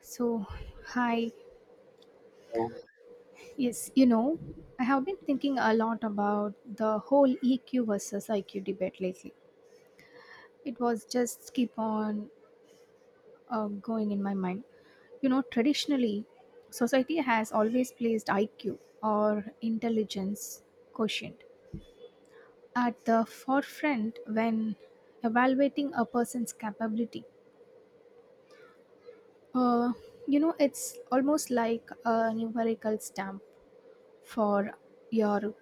So, hi. Oh, Yes, you know, I have been thinking a lot about the whole EQ versus IQ debate lately. It was just keep on going in my mind. You know, traditionally, society has always placed IQ or intelligence quotient at the forefront when evaluating a person's capability. Uh, you know, it's almost like a numerical stamp for your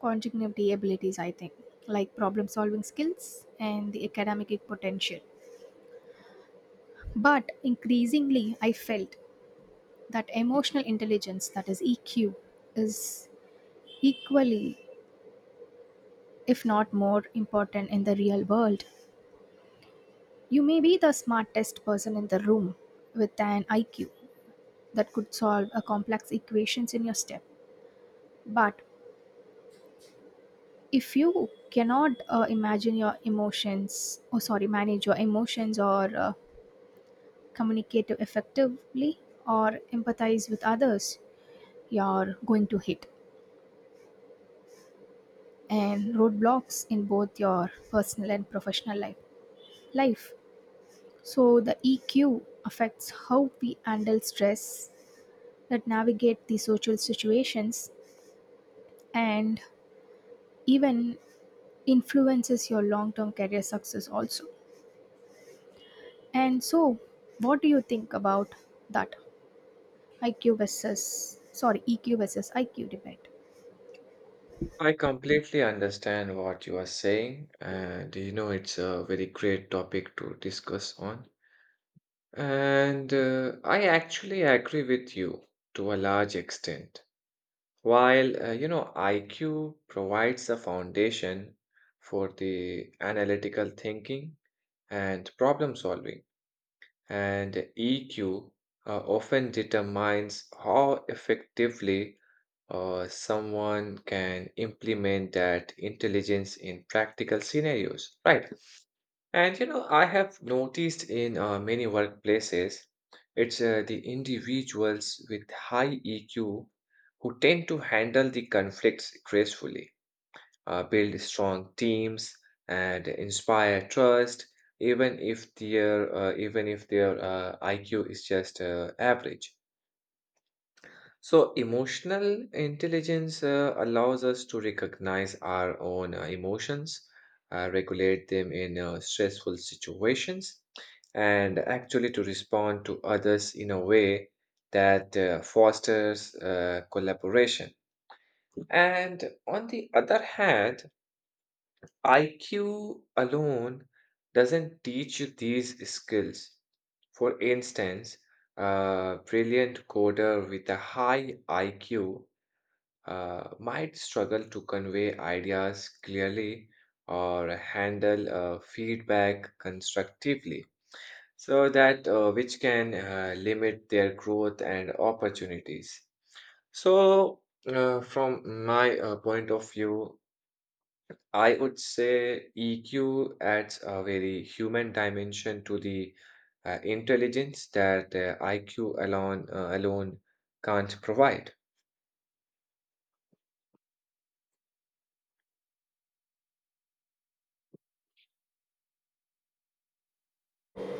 continuity abilities, I think, like problem solving skills and the academic potential. But increasingly, I felt that emotional intelligence, that is EQ, is equally, if not more, important in the real world. You may be the smartest person in the room with an IQ that could solve a complex equations in your step. But if you cannot imagine your emotions, or sorry, manage your emotions or communicate effectively or empathize with others, you're going to hit and roadblocks in both your personal and professional life. So the EQ affects how we handle stress, that navigate the social situations, and even influences your long-term career success also. And so, what do you think about that IQ versus sorry EQ versus IQ debate? I completely understand what you are saying, and you know, it's a very great topic to discuss on. And I actually agree with you to a large extent. You know, IQ provides a foundation for the analytical thinking and problem solving, and EQ often determines how effectively someone can implement that intelligence in practical scenarios, right? And you know, I have noticed in many workplaces, it's the individuals with high EQ who tend to handle the conflicts gracefully, build strong teams, and inspire trust, even if their IQ is just average. So emotional intelligence allows us to recognize our own emotions, regulate them in stressful situations, and actually to respond to others in a way that fosters collaboration. And on the other hand, IQ alone doesn't teach you these skills. For instance, a brilliant coder with a high IQ might struggle to convey ideas clearly or handle feedback constructively, so that which can limit their growth and opportunities. So, from my point of view, I would say EQ adds a very human dimension to the intelligence that IQ alone can't provide.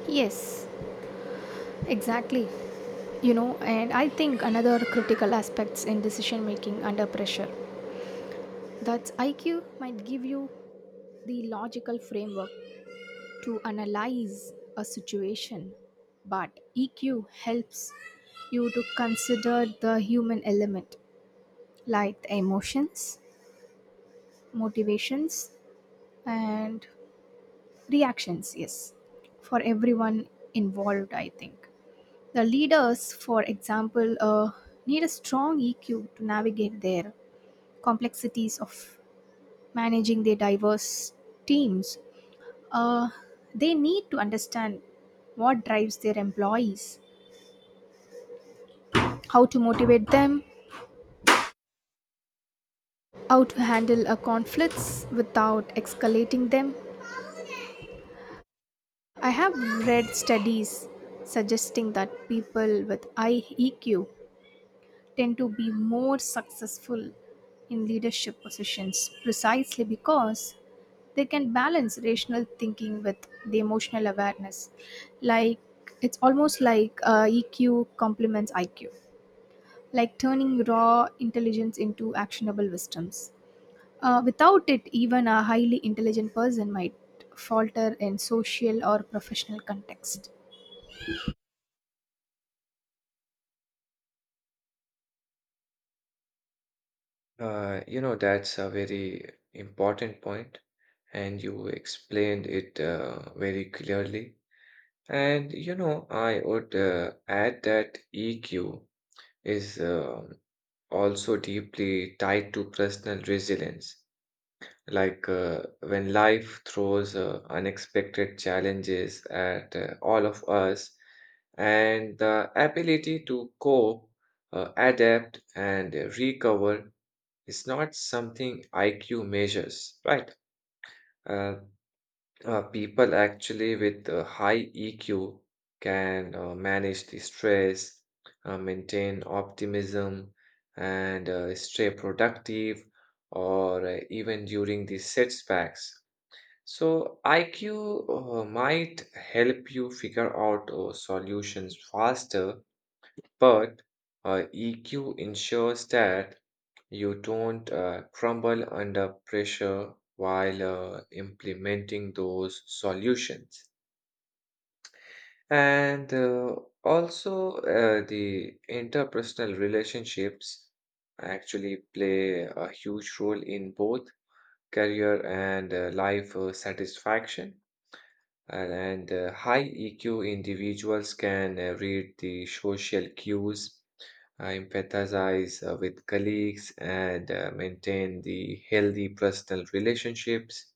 Yes, exactly. You know, and I think another critical aspects in decision making under pressure that IQ might give you the logical framework to analyze a situation, but EQ helps you to consider the human element like the emotions, motivations and reactions, yes, for everyone involved, I think. The leaders, for example, need a strong EQ to navigate their complexities of managing their diverse teams. Uh, they need to understand what drives their employees, how to motivate them, how to handle conflicts without escalating them. I have read studies suggesting that people with high EQ tend to be more successful in leadership positions precisely because they can balance rational thinking with the emotional awareness. Like it's almost like EQ complements IQ, like turning raw intelligence into actionable wisdoms. Without it, even a highly intelligent person might falter in social or professional context. You know, that's a very important point, and you explained it very clearly. And you know, I would add that EQ is also deeply tied to personal resilience. Like when life throws unexpected challenges at all of us, and the ability to cope, adapt, and recover is not something IQ measures, right? Uh, people actually with high EQ can manage the stress, maintain optimism, and stay productive, or even during the setbacks. So, IQ might help you figure out solutions faster, but EQ ensures that you don't crumble under pressure while implementing those solutions. And also, the interpersonal relationships actually play a huge role in both career and life satisfaction. And high EQ individuals can read the social cues, empathize with colleagues, and maintain the healthy personal relationships.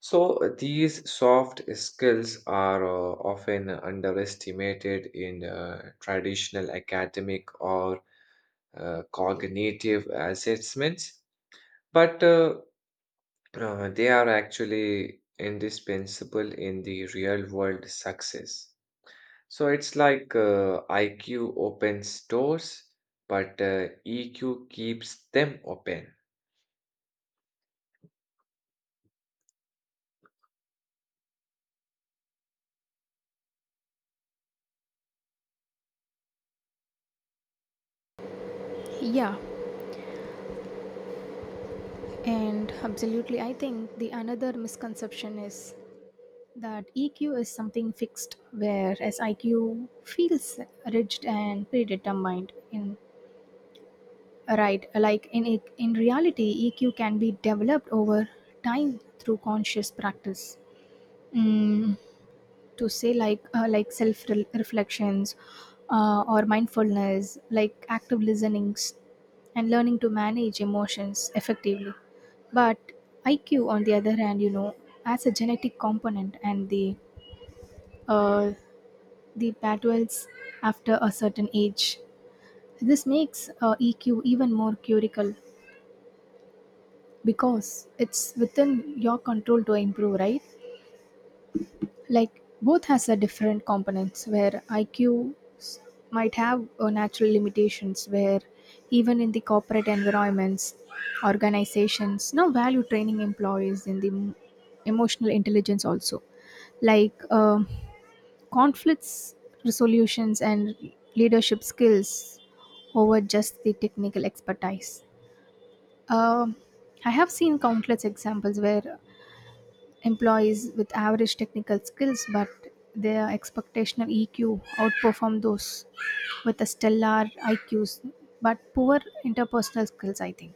So, these soft skills are often underestimated in traditional academic or cognitive assessments, but they are actually indispensable in the real world success. So it's like IQ opens doors, but EQ keeps them open. Yeah, and absolutely. I think the another misconception is that EQ is something fixed, whereas IQ feels rigid and predetermined in. Right, like in reality, EQ can be developed over time through conscious practice. Mm, to say like self reflections or mindfulness, like active listenings and learning to manage emotions effectively. But IQ, on the other hand, you know, has a genetic component and uh, the patterns after a certain age. This makes EQ even more curical because it's within your control to improve, right? Like both has a different components where IQs might have a natural limitations where even in the corporate environments organizations now value training employees in the emotional intelligence also, like um, conflicts resolutions and leadership skills over just the technical expertise. Um, I have seen countless examples where employees with average technical skills but their expectational EQ outperform those with a stellar IQs but poor interpersonal skills, I think.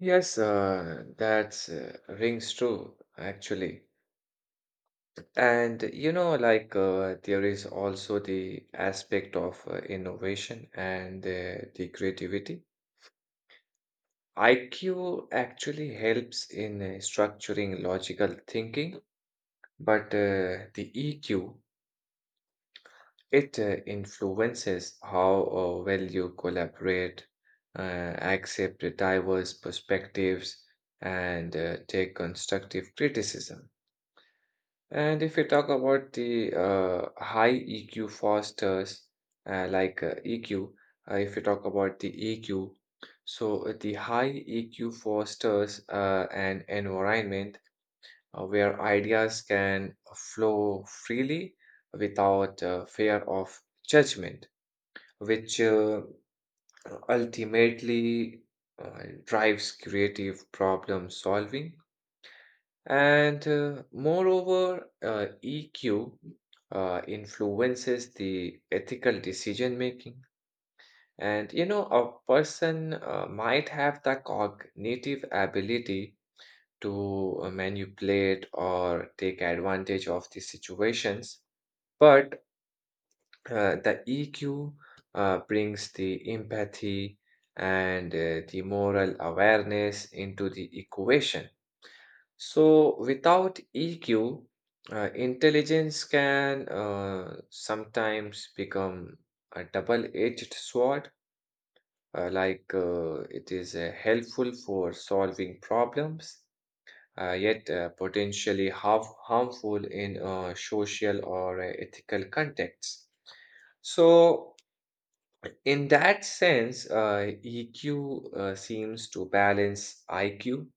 Yes, that's rings true actually. And you know, like there is also the aspect of innovation and the creativity. IQ actually helps in structuring logical thinking, but uh, the EQ It uh, influences how well you collaborate, uh, accept diverse perspectives, and take constructive criticism. And if we talk about the high EQ fosters, like EQ, if we talk about the EQ, so the high EQ fosters an environment where ideas can flow freely without fear of judgment, which ultimately drives creative problem solving. And moreover, EQ influences the ethical decision making. And you know, a person might have the cognitive ability to manipulate or take advantage of the situations, but the EQ brings the empathy and the moral awareness into the equation. So, without EQ, intelligence can sometimes become a double edged sword, like it is helpful for solving problems. Yet potentially harmful in social or ethical contexts. So, in that sense, EQ seems to balance IQ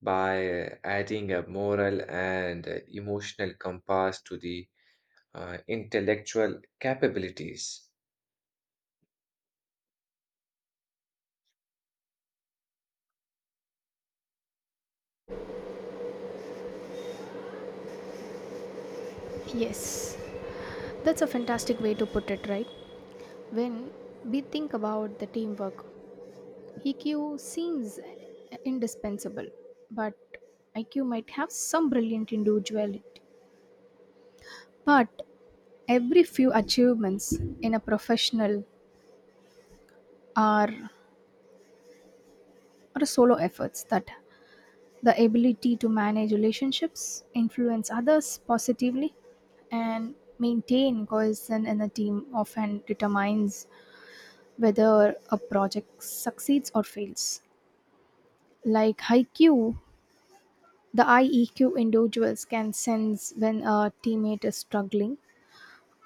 by adding a moral and emotional compass to the intellectual capabilities. Yes, that's a fantastic way to put it, right? When we think about the teamwork, EQ seems indispensable, but IQ might have some brilliant individuality. But every few achievements in a professional are or solo efforts that the ability to manage relationships, influence others positively, and maintain cohesion in a team often determines whether a project succeeds or fails. Like IQ, the IEQ individuals can sense when a teammate is struggling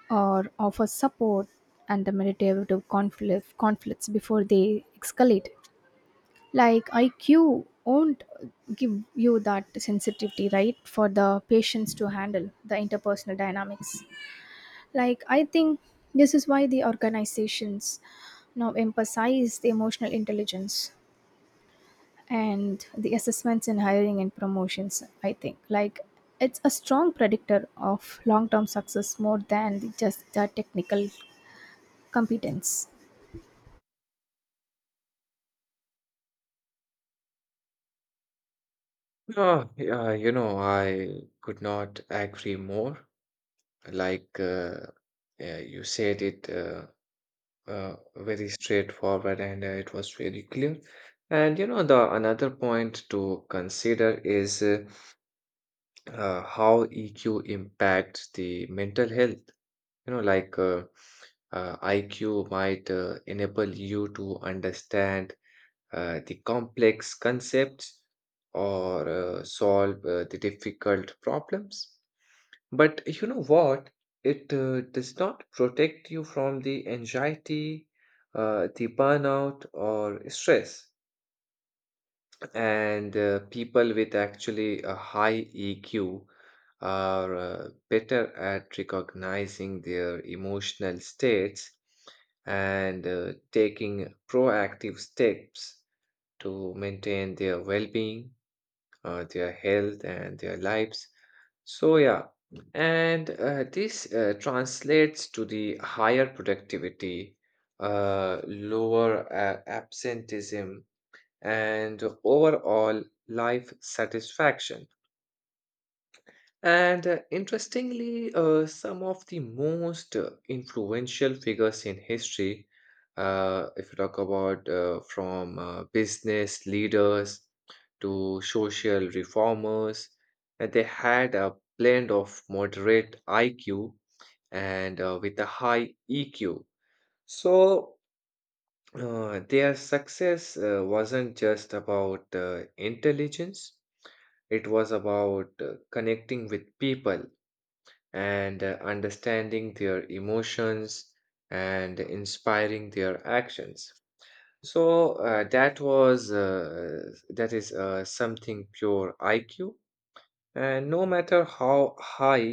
or offer support and the mediative conflicts before they escalate. Like IQ won't give you that sensitivity, right, for the patients to handle the interpersonal dynamics. Like I think this is why the organizations now emphasize the emotional intelligence and the assessments in hiring and promotions, I think. Like it's a strong predictor of long-term success more than just the technical competence. Yeah, you know, I could not agree more. Like uh, yeah, you said it very straightforward and it was very clear. And you know, the another point to consider is how EQ impacts the mental health. You know, IQ might enable you to understand the complex concepts or solve the difficult problems. But you know what? It does not protect you from the anxiety, the burnout, or stress, and people with actually a high EQ are better at recognizing their emotional states and taking proactive steps to maintain their well-being, their health, and their lives. So yeah, and this translates to the higher productivity, lower absenteeism, and overall life satisfaction. And interestingly, some of the most influential figures in history, if you talk about from business leaders to social reformers, that they had a blend of moderate IQ and with a high EQ. So their success wasn't just about intelligence. It was about connecting with people and understanding their emotions and inspiring their actions. So that is something pure IQ, and no matter how high,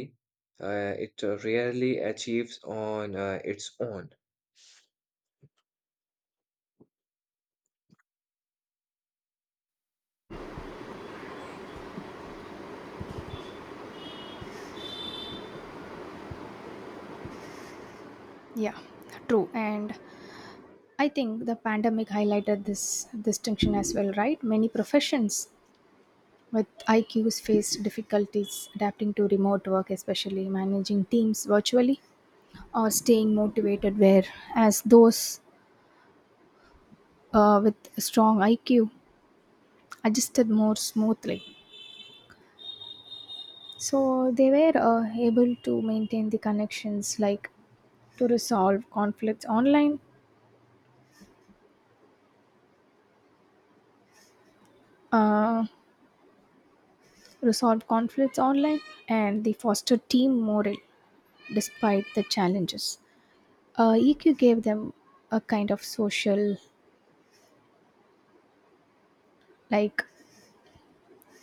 it rarely achieves on its own. Yeah, true. And I think the pandemic highlighted this distinction as well, right? Many professions with IQs faced difficulties adapting to remote work, especially managing teams virtually or staying motivated, whereas those with a strong IQ adjusted more smoothly. So they were able to maintain the connections, like to resolve conflicts online, uh, resolve conflicts online, and they foster team morale despite the challenges. EQ gave them a kind of social, like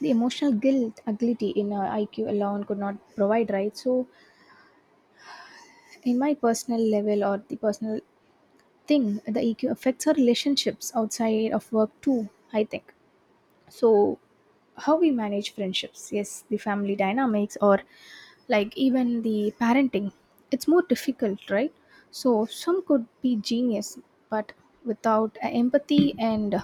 the emotional guilt ability in IQ alone could not provide, right? So, in my personal level or the personal thing, the EQ affects our relationships outside of work too, I think. So, how we manage friendships, yes, the family dynamics or like even the parenting, it's more difficult, right? So, some could be genius, but without empathy and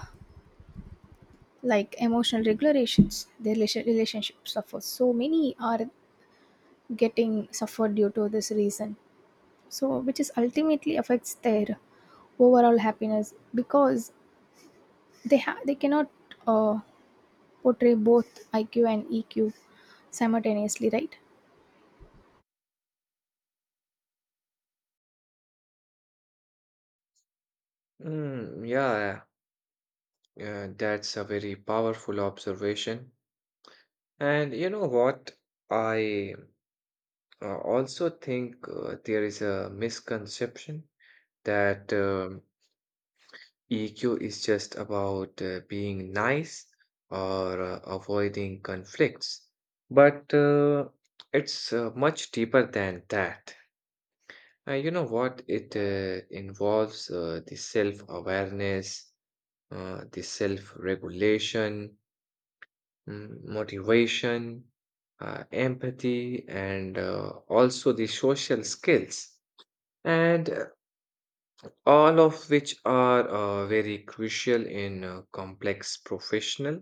like emotional regulations their relationship suffers, so many are getting suffered due to this reason, so which is ultimately affects their overall happiness because they cannot uh, portray both IQ and EQ simultaneously, right? Yeah, that's a very powerful observation. And you know what? I also think there is a misconception that EQ is just about being nice or avoiding conflicts. But it's much deeper than that. You know what? It involves the self-awareness, the self-regulation, motivation, empathy, and also the social skills, and all of which are very crucial in complex professional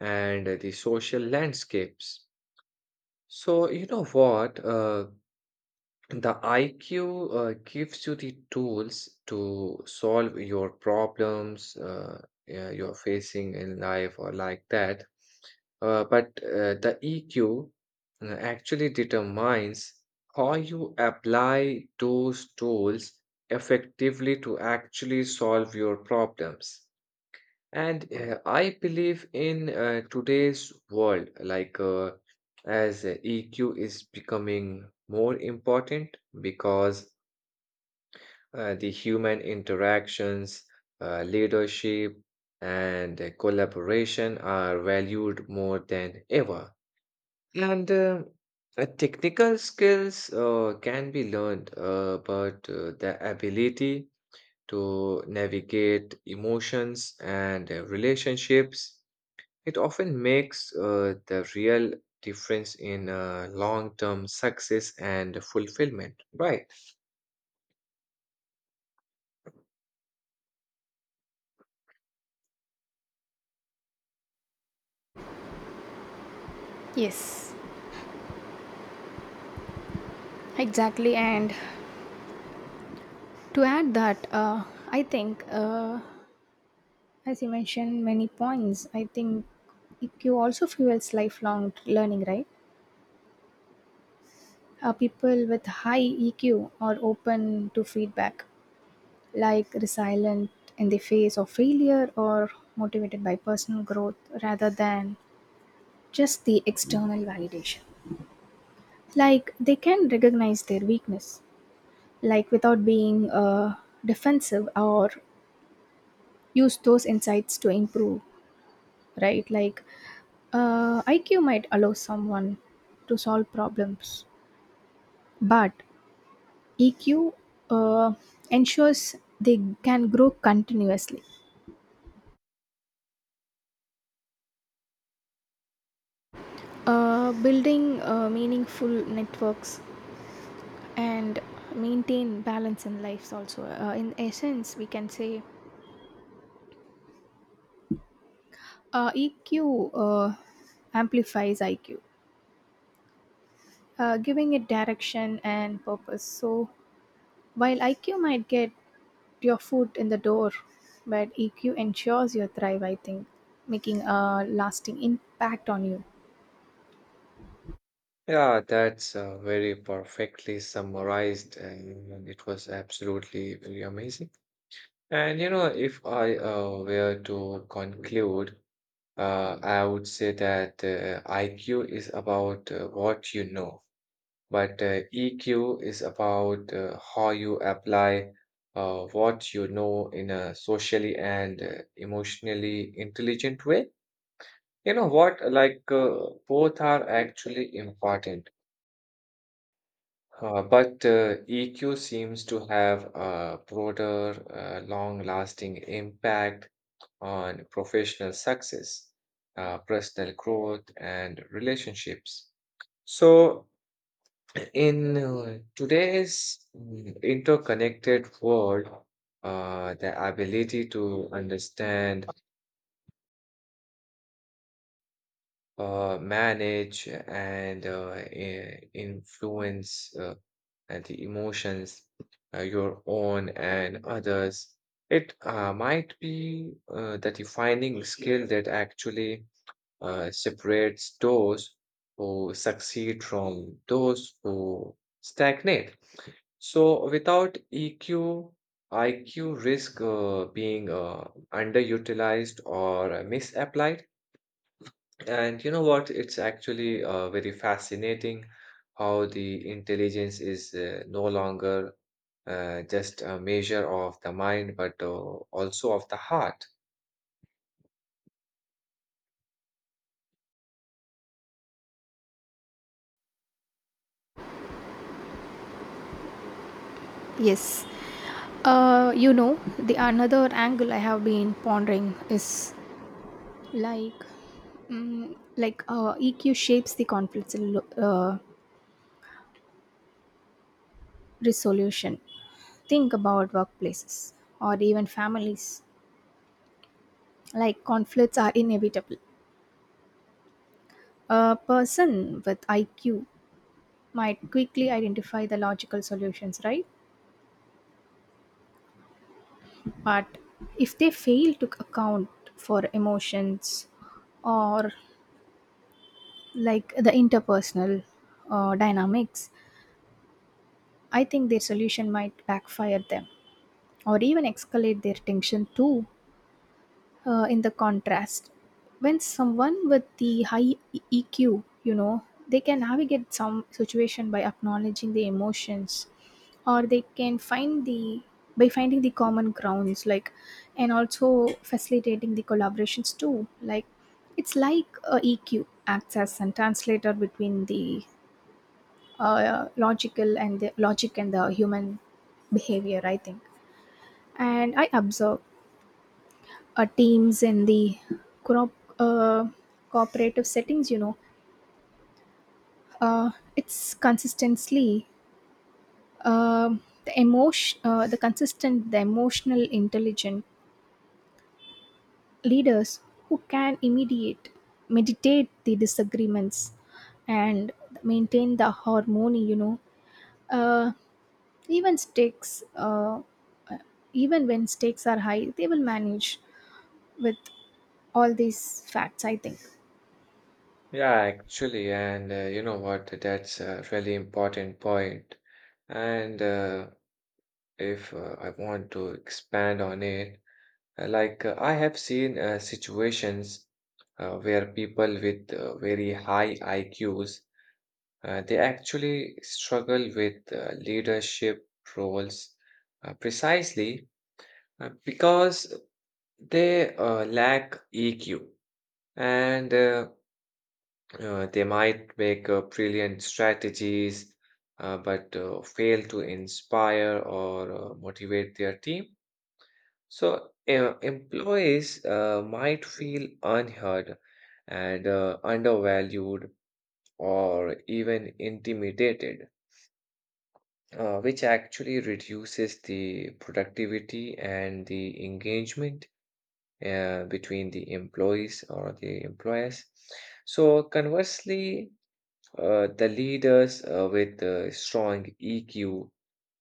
and the social landscapes. So, you know what? The IQ gives you the tools to solve your problems yeah, you're facing in life or like that. But the EQ actually determines how you apply those tools effectively to actually solve your problems. And I believe in today's world, as EQ is becoming more important because the human interactions, leadership, and collaboration are valued more than ever. And technical skills can be learned, but the ability to navigate emotions and relationships, it often makes the real difference in long term success and fulfillment, right? Yes, exactly. And to add that, I think, as you mentioned many points, I think EQ also fuels lifelong learning, right? People with high EQ are open to feedback, like resilient in the face of failure or motivated by personal growth rather than just the external validation. Like they can recognize their weakness, like without being defensive or use those insights to improve, right? Like IQ might allow someone to solve problems, but EQ uh, ensures they can grow continuously, building meaningful networks and maintain balance in lives also. In essence, we can say EQ amplifies IQ, giving it direction and purpose. So while IQ might get your foot in the door, but EQ ensures your thrive, I think, making a lasting impact on you. Yeah, that's very perfectly summarized, and it was absolutely very amazing. And you know, if I were to conclude, I would say that IQ is about what you know. But EQ is about how you apply what you know in a socially and emotionally intelligent way. You know what? Both are actually important. But EQ seems to have a broader, long-lasting impact on professional success, personal growth, and relationships. So, in today's interconnected world, the ability to understand, manage, and influence and the emotions, your own and others, it might be the defining skill that actually separates those who succeed from those who stagnate. So without EQ, IQ risk being underutilized or misapplied. And you know what? It's actually very fascinating how the intelligence is no longer just a measure of the mind, but also of the heart. Yes. You know, the another angle I have been pondering is like, mm like EQ shapes the resolution. Think about workplaces or even families. Like conflicts are inevitable. A person with IQ might quickly identify the logical solutions, right? But if they fail to account for emotions or like the interpersonal dynamics, I think their solution might backfire them or even escalate their tension too. In the contrast, when someone with the high EQ, you know, they can navigate some situation by acknowledging the emotions, or they can find the by finding the common grounds, like, and also facilitating the collaborations too. Like, it's like a EQ acts as a translator between the logic and the human behavior, I think. And I observe teams in the crop, uh, cooperative settings, you know, it's consistently um, the consistent the emotional intelligent leaders who can immediate meditate the disagreements and maintain the harmony, you know. uh, even stakes uh, even when stakes are high, they will manage with all these facts, I think. Yeah, actually, and you know what? That's a really important point. And if I want to expand on it, like, I have seen situations where people with very high IQs they actually struggle with leadership roles precisely because they lack EQ, and they might make brilliant strategies but fail to inspire or motivate their team. So, employees might feel unheard and undervalued or even intimidated, which actually reduces the productivity and the engagement between the employees or the employers. So, conversely, the leaders with strong EQ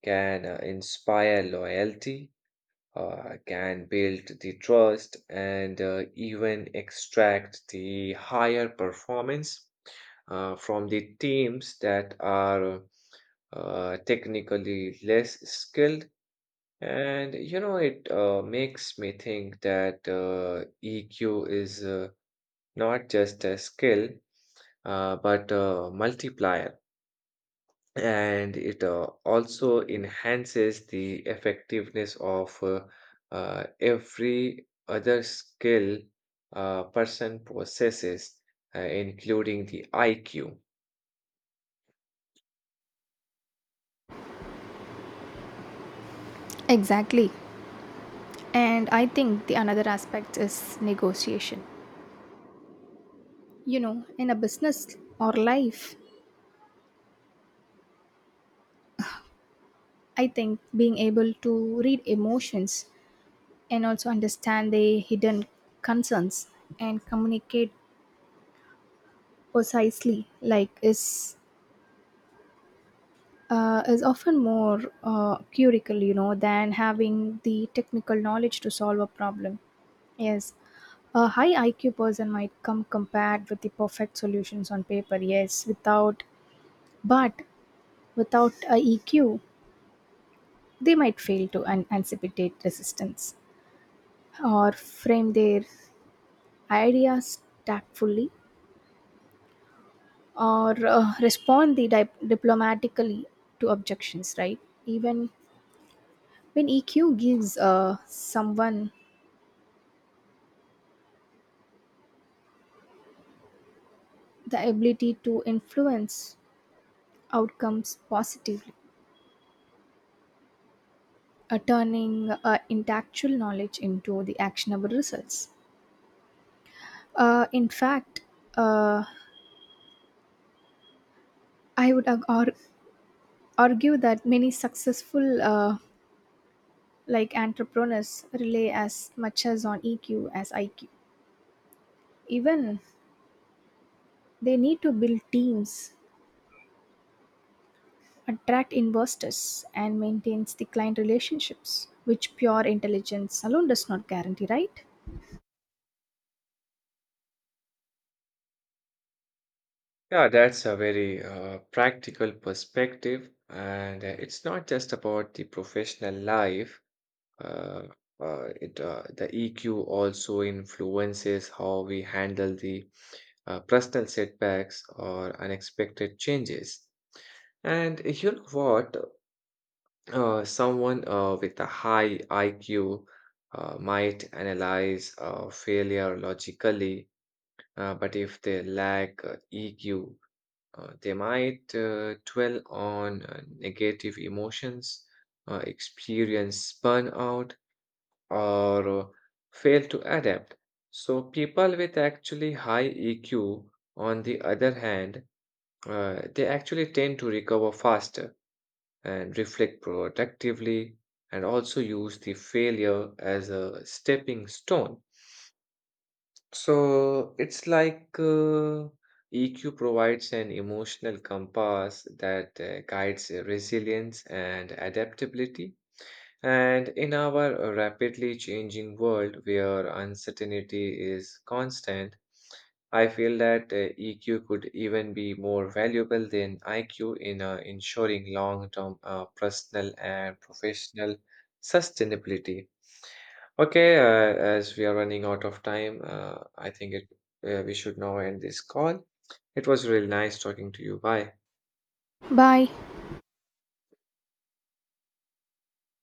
can inspire loyalty, can build the trust and even extract the higher performance from the teams that are technically less skilled. And you know, it makes me think that EQ is not just a skill, but a multiplier, and it also enhances the effectiveness of every other skill a person possesses, including the IQ. Exactly. And I think the another aspect is negotiation. You know, in a business or life, I think being able to read emotions and also understand the hidden concerns and communicate precisely like is often more curical, you know, than having the technical knowledge to solve a problem. Yes, a high IQ person might come compared with the perfect solutions on paper. Yes, without but without a EQ, they might fail to anticipate resistance or frame their ideas tactfully or respond the diplomatically to objections. Right, even when EQ gives someone the ability to influence outcomes positively, turning intellectual knowledge into the actionable results. In fact, uh, I would argue that many successful like entrepreneurs rely as much as on EQ as IQ. Even they need to build teams, attract investors, and maintains the client relationships, which pure intelligence alone does not guarantee. Right? Yeah, that's a very practical perspective, and it's not just about the professional life. Uh, it The EQ also influences how we handle the personal setbacks or unexpected changes. And you know what? Someone with a high IQ might analyze failure logically, but if they lack EQ, they might dwell on negative emotions, experience burnout, or fail to adapt. So, people with actually high EQ, on the other hand, they actually tend to recover faster and reflect productively and also use the failure as a stepping stone. So, it's like EQ provides an emotional compass that guides resilience and adaptability. And in our rapidly changing world where uncertainty is constant, I feel that EQ could even be more valuable than IQ in ensuring long term personal and professional sustainability. Okay, as we are running out of time, I think we should now end this call. It was really nice talking to you. Bye. Bye.